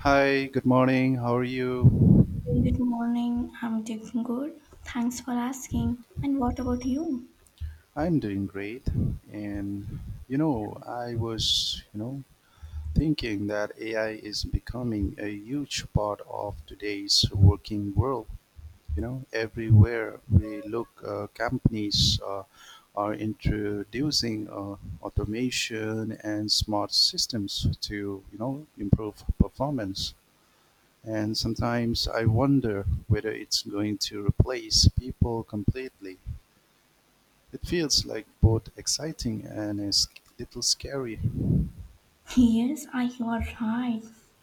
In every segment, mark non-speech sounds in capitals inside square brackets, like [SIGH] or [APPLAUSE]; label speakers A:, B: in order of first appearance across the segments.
A: Hi, good morning. How are
B: Hey, good
A: you?
B: morning. I'm doing good. Thanks for asking. And what about you?
A: I'm doing great. And you know, I was, you know, Thinking that AI is becoming a huge part of today's working world. You know, everywhere we look, companies are introducing automation and smart systems to, you know, improve performance. And sometimes I wonder whether it's going to replace people completely. It feels like both exciting and a little scary.
B: [LAUGHS] Yes, you are right.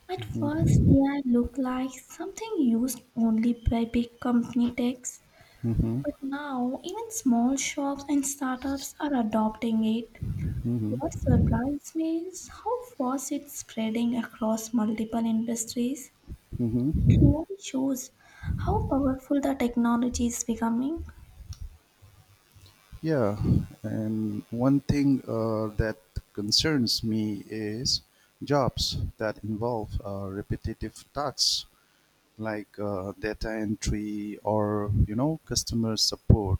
B: At first,
A: Mhm,
B: AI looked like something used only by big company techs,
A: mhm,
B: but now even small shops and startups are adopting it.
A: mhm,
B: What surprised me is how fast it's spreading across multiple industries. It
A: mhm.
B: really shows how powerful the technology is becoming.
A: Yeah, and one thing that concerns me is jobs that involve repetitive tasks like data entry or, you know, customer support.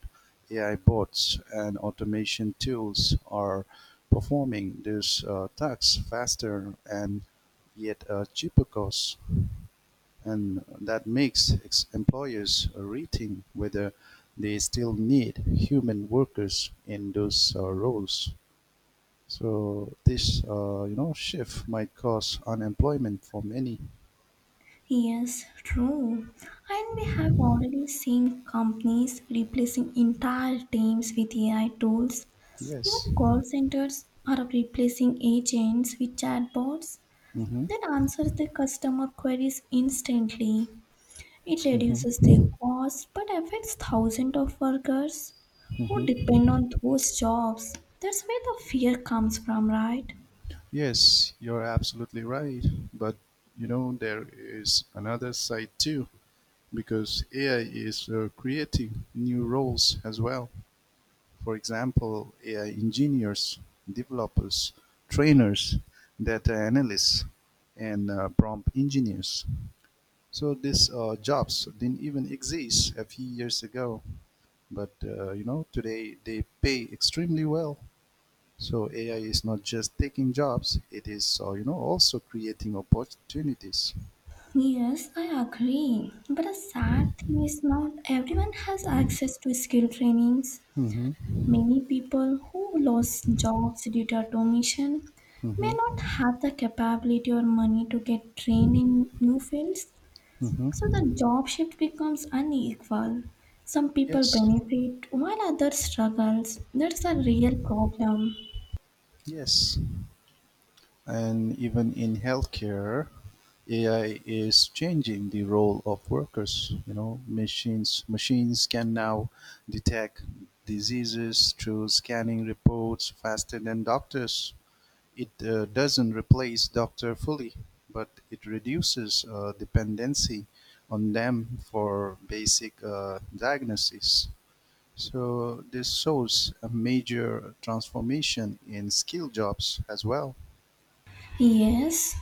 A: AI bots and automation tools are performing these tasks faster and yet a cheaper cost, and that makes employers rethink whether they still need human workers in those roles. So this you know shift might cause unemployment for many.
B: Yes, true. And we have already seen companies replacing entire teams with AI tools. Even
A: Yes.
B: call centers are replacing agents with chatbots
A: Hmm.
B: that answer the customer queries instantly. It reduces their
A: Hmm.
B: cost but affects thousands of workers who depend on those jobs. That's where the fear comes from, right?
A: Yes, you're absolutely right. But, you know, there is another side too, because AI is creating new roles as well. For example, AI engineers, developers, trainers, data analysts, and prompt engineers. So these jobs didn't even exist a few years ago, but you know, today they pay extremely well. So AI is not just taking jobs; it is, you know, also creating opportunities.
B: Yes, I agree. But the sad thing is not everyone has access to skill trainings.
A: Hmm.
B: Many people who lost jobs due to automation may
A: Hmm.
B: not have the capability or money to get trained in new fields. So
A: Hmm.
B: the job shift becomes unequal. Some people
A: Yes,
B: benefit while others struggles. That's a real problem.
A: yes, and even in healthcare, AI is changing the role of workers. You know, machines can now detect diseases through scanning reports faster than doctors. It doesn't replace doctor fully, but it reduces dependency on them for basic diagnosis. So this shows a major transformation in skill jobs as well.
B: Yes,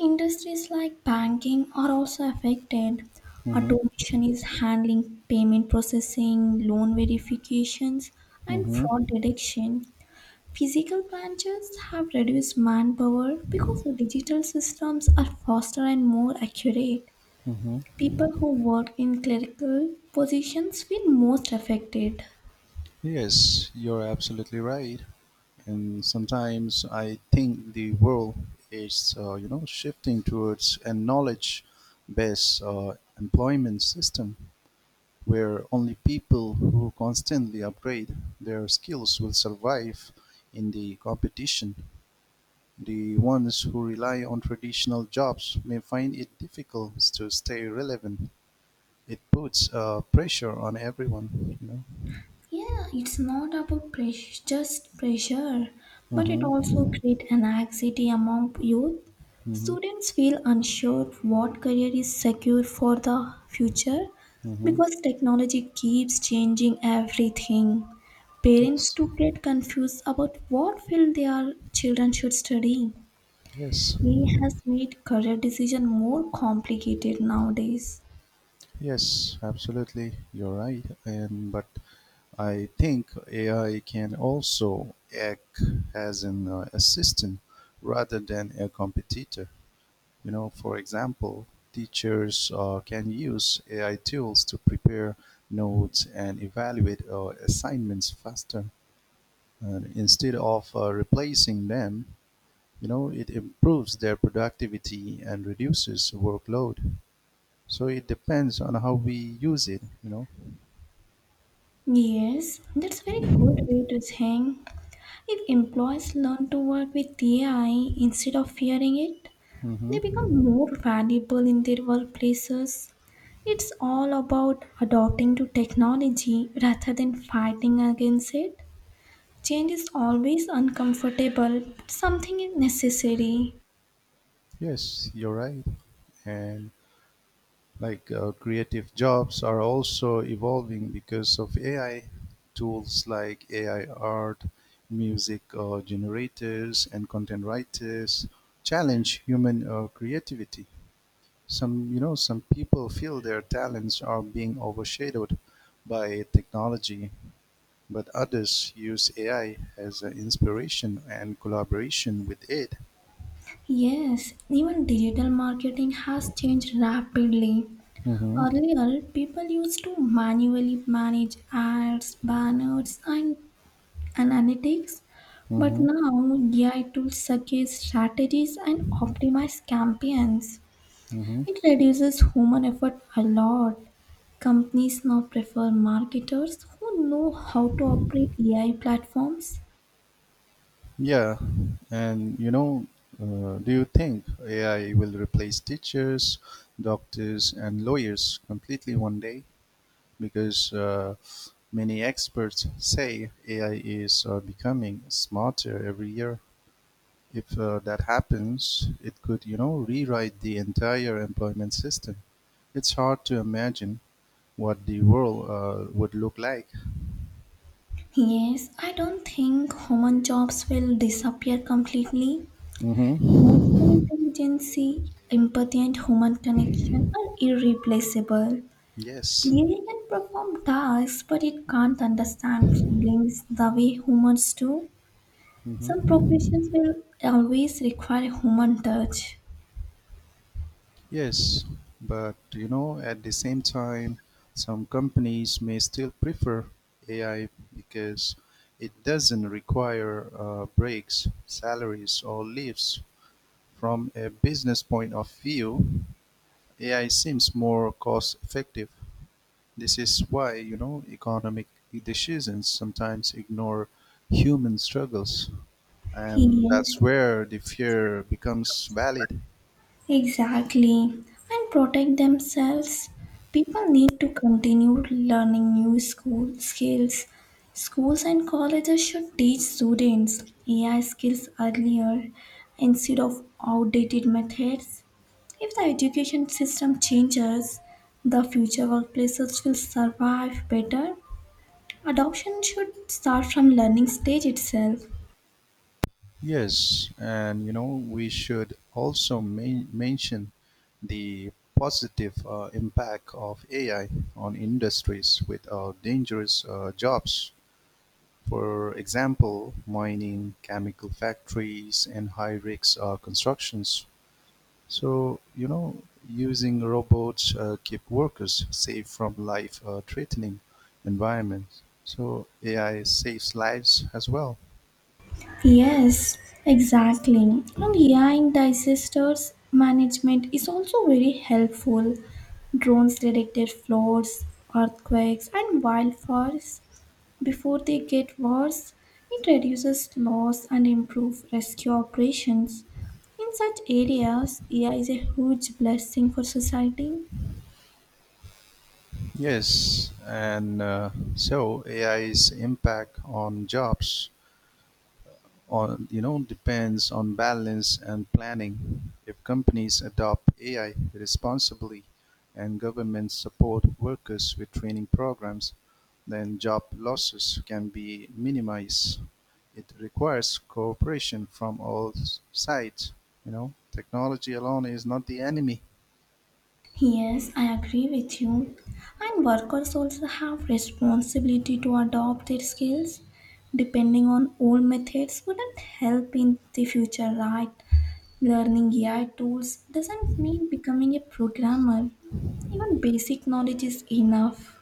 B: industries like banking are also affected.
A: Mm-hmm.
B: Automation is handling payment processing, loan verifications, and
A: Mm-hmm.
B: fraud detection. Physical branches have reduced manpower because the digital systems are faster and more accurate.
A: Mm-hmm.
B: People who work in clerical positions feel most affected.
A: Yes, you're absolutely right. And sometimes I think the world is, you know, shifting towards a knowledge-based employment system, where only people who constantly upgrade their skills will survive in the competition. The ones who rely on traditional jobs may find it difficult to stay relevant. It puts pressure on everyone, you know.
B: Yeah, it's not about pressure, just pressure, but it also
A: Mm-hmm.
B: creates an anxiety among youth.
A: Mm-hmm.
B: Students feel unsure what career is secure for the future
A: Mm-hmm.
B: because technology keeps changing everything. Parents
A: Yes.
B: too get confused about what field their children should study.
A: Yes.
B: It has made career decision more complicated nowadays.
A: Yes. Absolutely. You're right. And but I think AI can also act as an assistant rather than a competitor. You know, for example, teachers can use AI tools to prepare notes and evaluate assignments faster. And instead of replacing them, you know, it improves their productivity and reduces workload. So it depends on how we use it, you know.
B: Yes, that's very good way to think. If employees learn to work with AI instead of fearing it, they become
A: Hmm.
B: more valuable in their workplaces. It's all about adopting to technology rather than fighting against it. Change is always uncomfortable, but something is necessary.
A: Yes, you're right. And like creative jobs are also evolving because of AI tools like AI art, music generators, and content writers challenge human creativity. Some you know some people feel their talents are being overshadowed by technology, but others use AI as an inspiration and collaboration with it.
B: Yes, even digital marketing has changed rapidly.
A: Mm-hmm.
B: Earlier, people used to manually manage ads, banners, and analytics. But
A: Mm-hmm.
B: now AI tools suggest strategies and optimize campaigns.
A: Mm-hmm.
B: It reduces human effort a lot. Companies now prefer marketers who know how to operate AI platforms.
A: Yeah, and you know, do you think AI will replace teachers, doctors, and lawyers completely one day? Because many experts say AI is becoming smarter every year. If that happens, it could, you know, rewrite the entire employment system. It's hard to imagine what the world would look like.
B: Yes, I don't think human jobs will disappear completely.
A: Hmm.
B: Emotional intelligence, empathy, and human connection are irreplaceable.
A: Yes.
B: Dairy can perform tasks, but it can't understand feelings the way humans do. Some
A: Hmm.
B: professions will always require human touch.
A: Yes, but, you know, at the same time, some companies may still prefer AI because it doesn't require breaks, salaries, or leaves. From a business point of view, AI seems more cost effective. This is why, you know, economic decisions sometimes ignore human struggles, and that's
B: Yes.
A: where the fear becomes valid.
B: Exactly. And protect themselves. People need to continue learning new school skills. Schools and colleges should teach students AI skills earlier instead of outdated methods. If the education system changes, the future workplaces will survive better. Adoption should start from learning stage itself.
A: Yes, and you know, we should also main mention the positive impact of AI on industries with dangerous jobs. For example, mining, chemical factories, and high risk constructions. So, you know, using robots keep workers safe from life threatening environments. So, AI saves lives as well.
B: Yes, exactly. And hearing disasters management is also very helpful. Drones detected floods, earthquakes, and wildfires before they get worse. It reduces loss and improves rescue operations. In such areas, AI is a huge blessing for society.
A: Yes, and so AI's impact on jobs on, you know, depends on balance and planning. If companies adopt AI responsibly and governments support workers with training programs, then job losses can be minimized. It requires cooperation from all sides. You know, technology alone is not the enemy.
B: Yes, I agree with you. And workers also have responsibility to adopt their skills. Depending on old methods wouldn't help in the future, right? Learning AI tools doesn't mean becoming a programmer. Even basic knowledge is enough.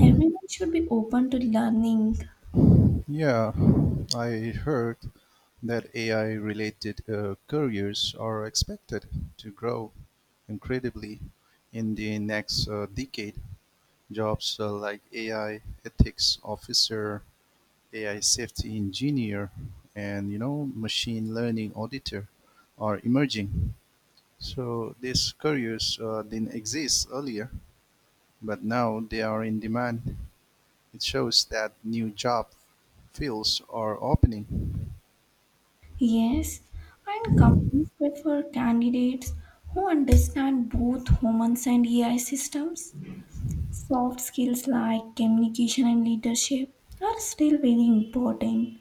B: Everyone should be open to learning.
A: Yeah, I heard that AI related careers are expected to grow incredibly in the next decade. Jobs like AI ethics officer, AI safety engineer, and you know, machine learning auditor are emerging. So these careers didn't exist earlier, but now they are in demand. It shows that new job fields are opening.
B: Yes, and companies prefer candidates who understand both humans and AI systems. Soft skills like communication and leadership are still very important.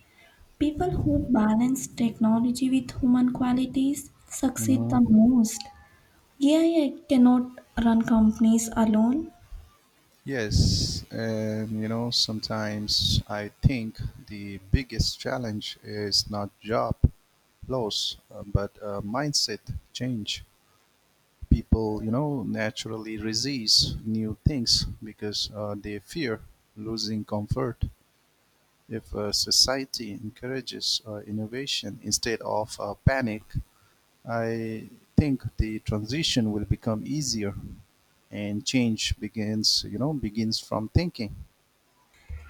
B: People who balance technology with human qualities succeed
A: Mhm.
B: the most. AI cannot run companies alone.
A: Yes, and you know, sometimes I think the biggest challenge is not job loss, but mindset change. People, you know, naturally resist new things because they fear losing comfort. If society encourages innovation instead of panic, I think the transition will become easier, and change begins from thinking.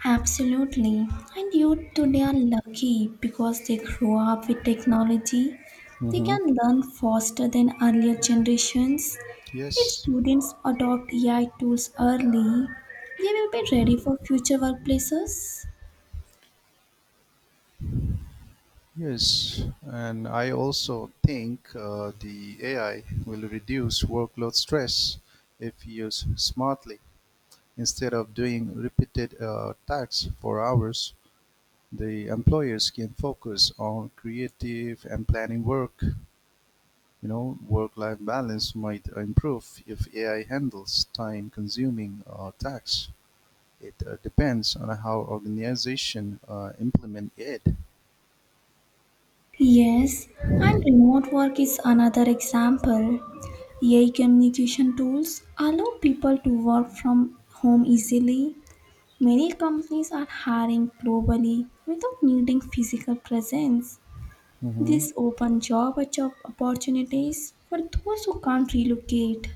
B: Absolutely. And youth today are lucky because they grow up with technology. They
A: Mm-hmm.
B: can learn faster than earlier generations. If
A: Yes,
B: students adopt AI tools early, they will be ready for future workplaces.
A: yes, and I also think the AI will reduce workload stress if used smartly. Instead of doing repeated tasks for hours, the employers can focus on creative and planning work. You know, work-life balance might improve if AI handles time-consuming tasks. It depends on how organization implement it.
B: Yes, and remote work is another example. AI communication tools allow people to work from home easily. Many companies are hiring globally without needing physical presence.
A: Mm-hmm.
B: This open job opportunities for those who can't relocate.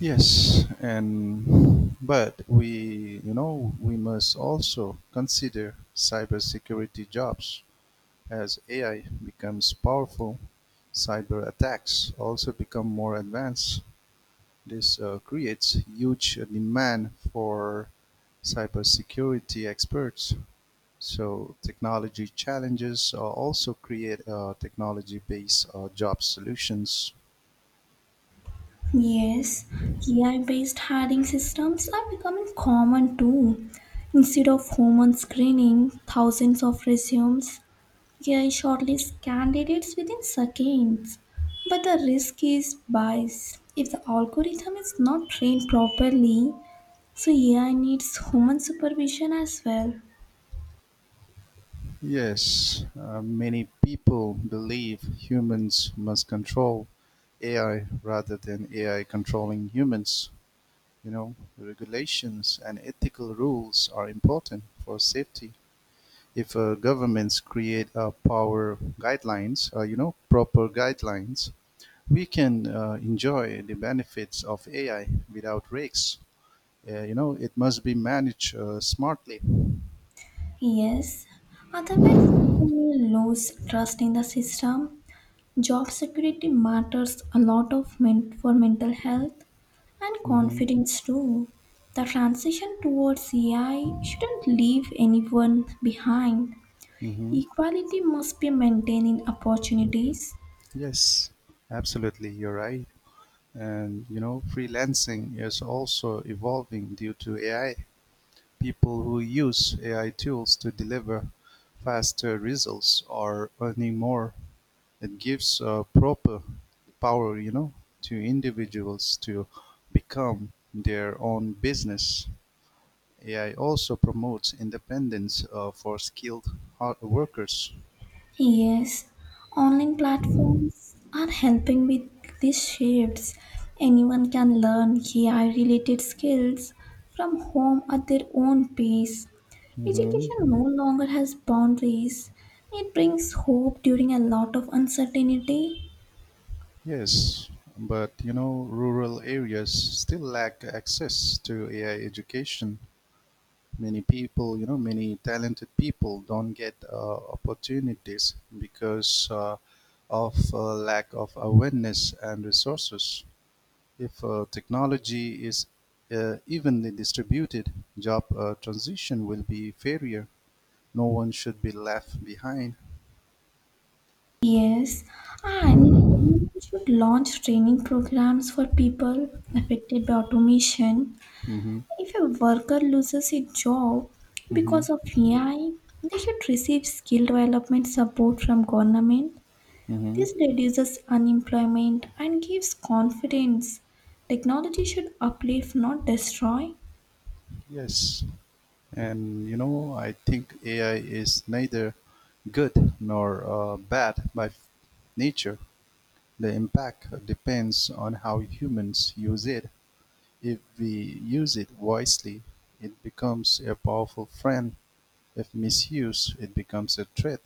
A: Yes, and but we, you know, we must also consider cybersecurity jobs. As AI becomes powerful, cyber attacks also become more advanced. This creates huge demand for cybersecurity experts. So technology challenges also create technology-based job solutions.
B: Yes, AI based hiring systems are becoming common too. Instead of human screening thousands of resumes, AI shortlists candidates within seconds, but the risk is bias. If the algorithm is not trained properly, so AI needs human supervision as well.
A: Yes, many people believe humans must control AI rather than AI controlling humans. You know, regulations and ethical rules are important for safety. If governments create power guidelines, you know, proper guidelines, we can enjoy the benefits of AI without risks. You know, it must be managed smartly.
B: Yes, otherwise people will lose trust in the system. Job security matters a lot of for mental health and
A: Mm-hmm.
B: confidence too. The transition towards AI shouldn't leave anyone behind.
A: Mm-hmm.
B: Equality must be maintained in opportunities.
A: Yes, absolutely. You're right. And you know, freelancing is also evolving due to AI. People who use AI tools to deliver faster results are earning more. It gives proper power, you know, to individuals to become their own business. AI also promotes independence for skilled hard workers.
B: Yes, online platforms are helping with these shifts. Anyone can learn AI related skills from home at their own pace.
A: Mhm.
B: Education no longer has boundaries. It brings hope during a lot of uncertainty.
A: Yes, but you know, rural areas still lack access to AI education. Many talented people don't get opportunities because of lack of awareness and resources. If technology is evenly distributed, job transition will be fairer. No one should be left behind.
B: Yes, and government should launch training programs for people affected by automation.
A: Mm-hmm.
B: If a worker loses his job
A: Mm-hmm.
B: because of AI, they should receive skill development support from government.
A: Mm-hmm.
B: This reduces unemployment and gives confidence. Technology should uplift, not destroy.
A: Yes. And you know, I think AI is neither good nor bad by nature. The impact depends on how humans use it. If we use it wisely, it becomes a powerful friend. If misused, it becomes a threat.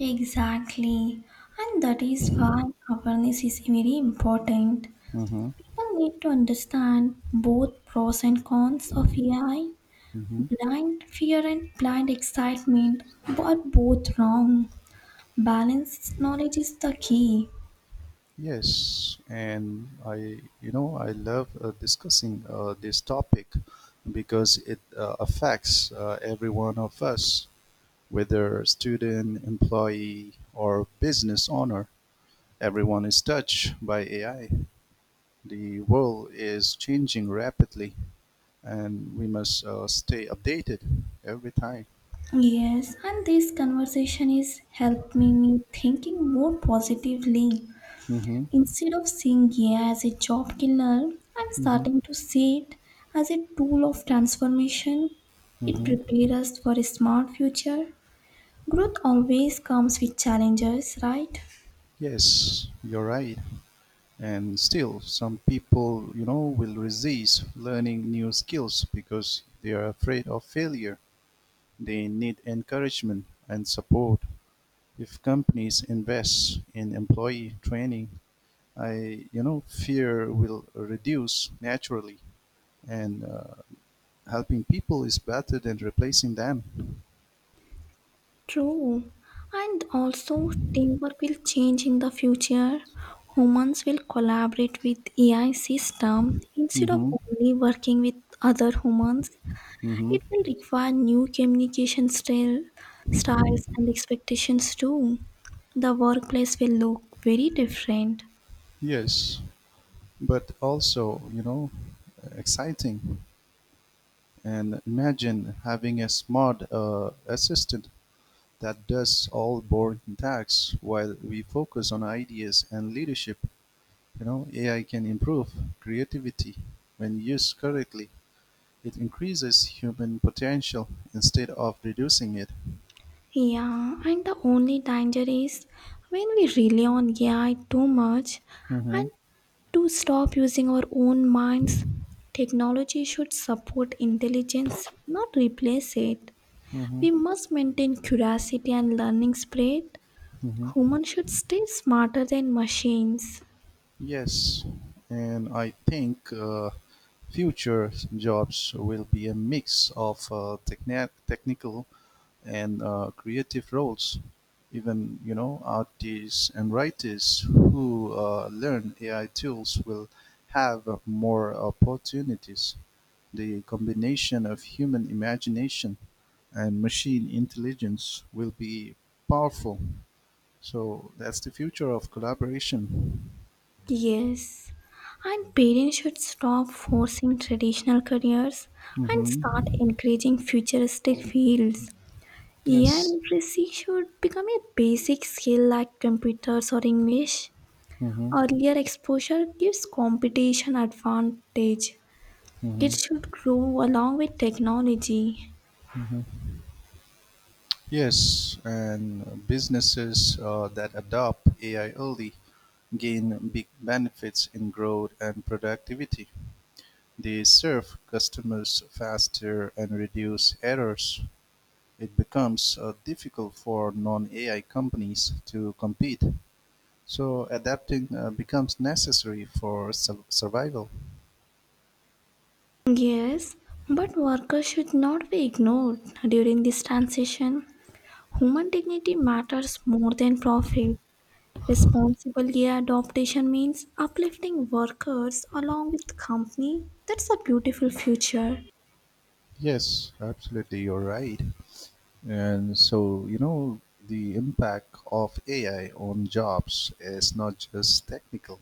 B: Exactly. And that is why awareness is very important.
A: Mm-hmm.
B: People need to understand both pros and cons of AI.
A: Mm-hmm.
B: Blind fear and blind excitement are both wrong. Balanced knowledge is the key.
A: Yes, and I love discussing this topic because it affects every one of us. Whether student, employee, or business owner, everyone is touched by AI. The world is changing rapidly, and we must stay updated every time.
B: Yes, and this conversation is helping me thinking more positively.
A: Hmm.
B: Instead of seeing AI as a job killer, I'm
A: Hmm.
B: starting to see it as a tool of transformation. It
A: Hmm.
B: prepares us for a smart future. Growth always comes with challenges, right?
A: Yes, you're right. And still, some people, you know, will resist learning new skills because they are afraid of failure. They need encouragement and support. If companies invest in employee training, I, you know, fear will reduce naturally, and helping people is better than replacing them.
B: True. And also, teamwork will change in the future. Humans will collaborate with AI system instead of
A: Mm-hmm.
B: only working with other humans.
A: Mm-hmm.
B: It will require new styles and expectations too. The workplace will look very different.
A: Yes, but also you know exciting. And imagine having a smart assistant that does all boring tasks while we focus on ideas and leadership. You know, AI can improve creativity when used correctly. It increases human potential instead of reducing it.
B: Yeah, and the only danger is when we rely on AI too much
A: Hmm.
B: and to stop using our own minds. Technology should support intelligence, not replace it.
A: Hmm.
B: We must maintain curiosity and learning spirit.
A: Hmm.
B: Humans should stay smarter than machines.
A: Yes, and I think future jobs will be a mix of technical and creative roles. Even you know artists and writers who learn AI tools will have more opportunities. The combination of human imagination and machine intelligence will be powerful. So that's the future of collaboration.
B: Yes, and parents should stop forcing traditional careers and
A: Hmm.
B: start encouraging futuristic fields. AI
A: Yes.
B: literacy should become a basic skill like computers or English.
A: Hmm.
B: Earlier exposure gives competition advantage.
A: Hmm.
B: Kids should grow along with technology.
A: Hmm. Yes, and businesses that adopt AI early gain big benefits in growth and productivity. They serve customers faster and reduce errors. It becomes difficult for non AI companies to compete. So, adapting becomes necessary for survival.
B: Yes, but workers should not be ignored during this transition. Human dignity matters more than profit. Responsible gear adoption means uplifting workers along with company. That's a beautiful future.
A: Yes, absolutely, you're right. And so, you know, the impact of AI on jobs is not just technical,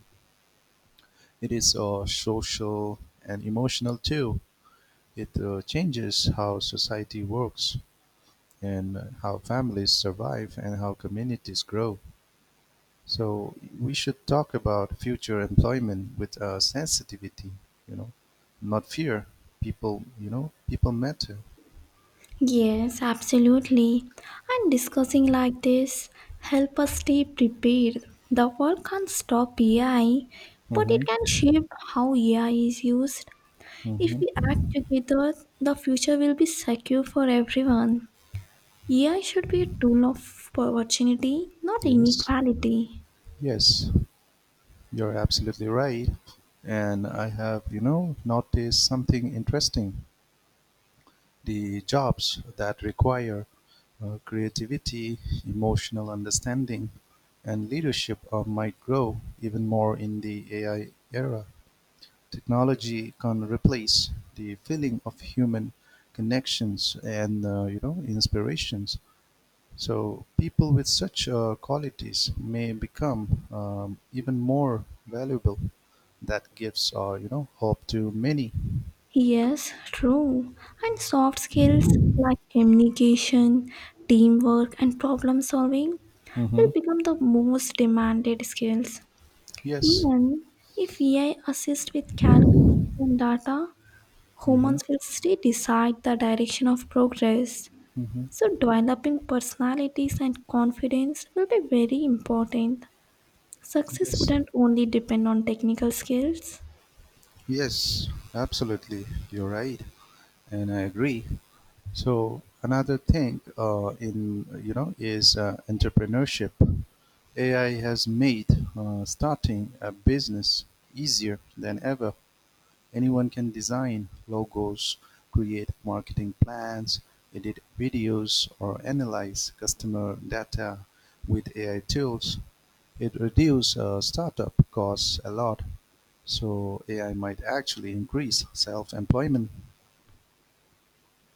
A: it is social and emotional too. It changes how society works and how families survive and how communities grow. So, we should talk about future employment with sensitivity, you know, not fear. People matter.
B: Yes, absolutely. And discussing like this help us stay prepared. The world can't stop AI, but
A: Mm-hmm.
B: it can shape how AI is used. If we
A: Mm-hmm.
B: act together, the future will be secure for everyone. AI should be a tool of opportunity, not
A: Yes.
B: inequality.
A: Yes. You're absolutely right. And I have, you know, noticed something interesting. The jobs that require creativity, emotional understanding, and leadership might grow even more in the AI era. Technology can replace the feeling of human connections and, you know, inspirations. So people with such qualities may become even more valuable. That gives, you know, hope to many.
B: Yes, true. And soft skills like communication, teamwork, and problem solving will
A: Mm-hmm.
B: become the most demanded skills.
A: Yes.
B: Even if AI assists with calculations and data,
A: Mm-hmm.
B: humans will still decide the direction of progress.
A: Mm-hmm.
B: So, developing personalities and confidence will be very important. Success
A: Yes.
B: wouldn't only depend on technical skills.
A: Yes. Absolutely. You're right, and I agree. So another thing, in you know, is entrepreneurship. AI has made starting a business easier than ever. Anyone can design logos, create marketing plans, edit videos, or analyze customer data with AI tools. It reduces startup costs a lot, so AI might actually increase self-employment.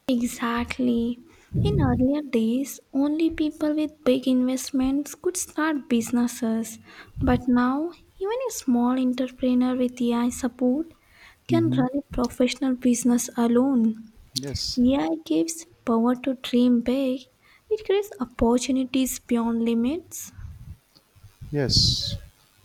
B: Exactly. In earlier days, only people with big investments could start businesses. But now, even a small entrepreneur with AI support can
A: Hmm.
B: run a professional business alone.
A: Yes.
B: AI gives power to dream big, it creates opportunities beyond limits.
A: Yes,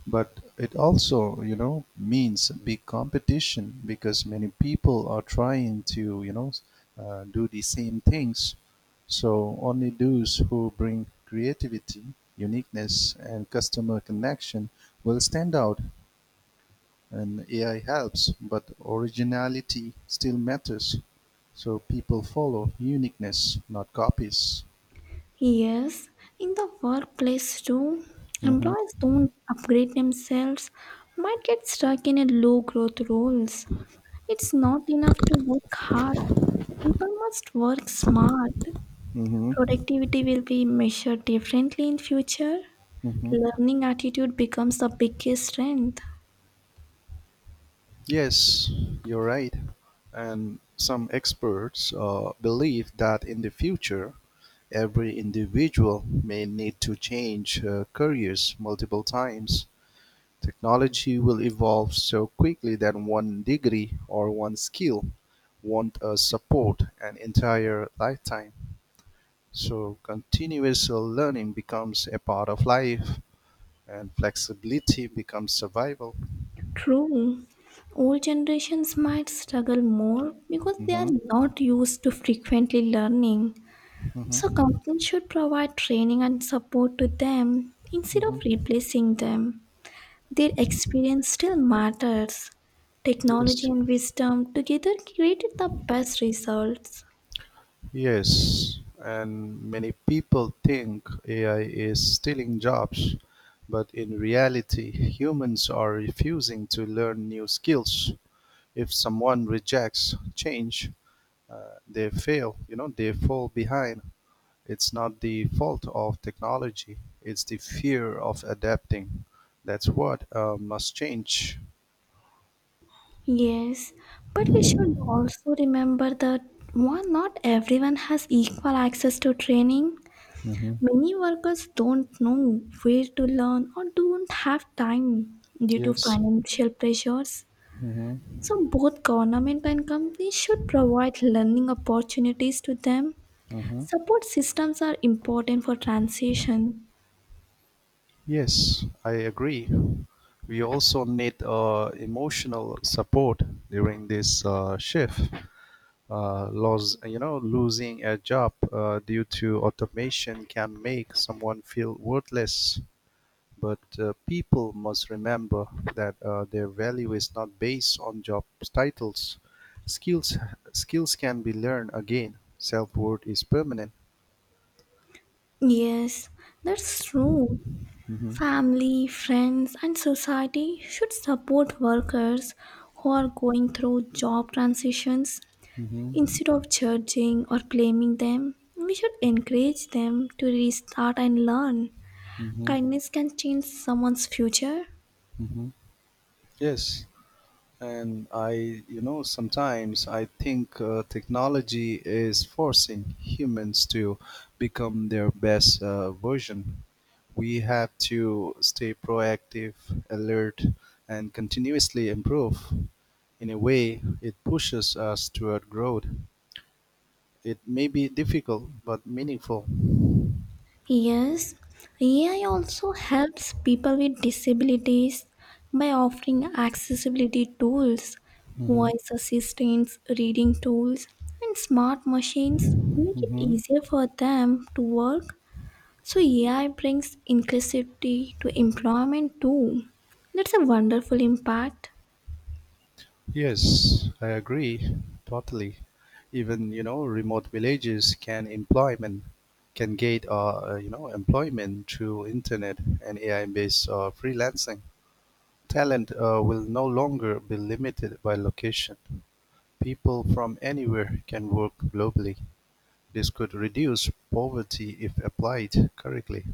A: but it also, you know, means big competition because many people are trying to, you know, do the same things. So only those who bring creativity, uniqueness, and customer connection will stand out. And AI helps, but originality still matters. So people follow uniqueness, not copies.
B: Yes, in the workplace too,
A: Mm-hmm.
B: employees don't upgrade themselves, might get stuck in a low growth roles. It's not enough to work hard. People must work smart.
A: Mm-hmm.
B: Productivity will be measured differently in future.
A: Mm-hmm.
B: Learning attitude becomes the biggest strength.
A: Yes, you're right. And some experts believe that in the future, every individual may need to change careers multiple times. Technology will evolve so quickly that one degree or one skill won't support an entire lifetime. So, continuous learning becomes a part of life, and flexibility becomes survival.
B: True. Old generations might struggle more because they are
A: Hmm.
B: not used to frequently learning. So
A: Hmm.
B: companies should provide training and support to them instead of
A: Hmm.
B: replacing them. Their experience still matters. Technology
A: Yes.
B: and wisdom together created the best results.
A: Yes, and many people think AI is stealing jobs, but in reality, humans are refusing to learn new skills. If someone rejects change, they fail, you know, they fall behind. It's not the fault of technology, it's the fear of adapting. That's what must change.
B: Yes, but we should also remember that one not everyone has equal access to training.
A: Hmm.
B: Many workers don't know where to learn or don't have time due to
A: Yes.
B: financial pressures.
A: Mm-hmm.
B: So, both government and companies should provide learning opportunities to them. Support systems are important for transition.
A: Yes, I agree. We also need emotional support during this shift. Losing a job due to automation can make someone feel worthless. But people must remember that their value is not based on job titles. Skills, skills can be learned again. Self worth is permanent.
B: Yes, that's true.
A: Hmm.
B: Family, friends, and society should support workers who are going through job transitions. Instead
A: Hmm.
B: of judging or blaming them, we should encourage them to restart and learn.
A: Hmm.
B: Kindness can change someone's future.
A: Hmm. Yes, and I, you know, sometimes I think technology is forcing humans to become their best version. We have to stay proactive, alert, and continuously improve. In a way, it pushes us toward growth. It may be difficult but meaningful.
B: Yes, AI also helps people with disabilities by offering accessibility tools,
A: Mhm,
B: voice assistants, reading tools, and smart machines make it
A: mhm.
B: easier for them to work. So AI brings inclusivity to employment too. That's a wonderful impact.
A: Yes, I agree totally. Even remote villages can get employment through internet and AI-based freelancing. Talent will no longer be limited by location. People from anywhere can work globally. This could reduce poverty if applied correctly.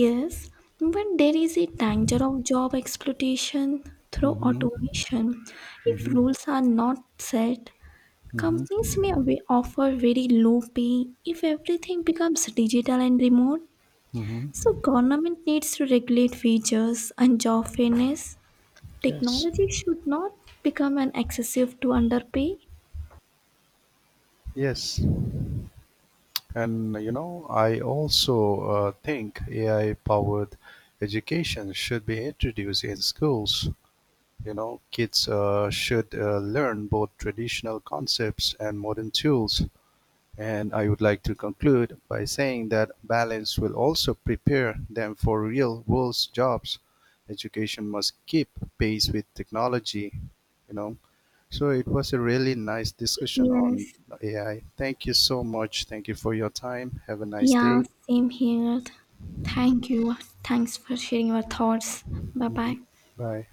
B: Yes, but there is a danger of job exploitation through
A: Mm-hmm.
B: automation. If
A: Mm-hmm.
B: rules are not set, companies may
A: Mm-hmm.
B: offer very low pay if everything becomes digital and remote. So
A: Mm-hmm.
B: government needs to regulate wages and job fairness.
A: Yes.
B: Technology should not become an excessive to underpay.
A: Yes. And you know, I also think AI powered education should be introduced in schools. You know, kids should learn both traditional concepts and modern tools. And I would like to conclude by saying that balance will also prepare them for real world jobs. Education must keep pace with technology, you know. So it was a really nice discussion on
B: Yes.
A: AI. Thank you so much. Thank you for your time. Have a nice
B: Yeah,
A: day.
B: same here. Thank you. Thanks for sharing your thoughts. Bye bye.
A: Mhm. Bye.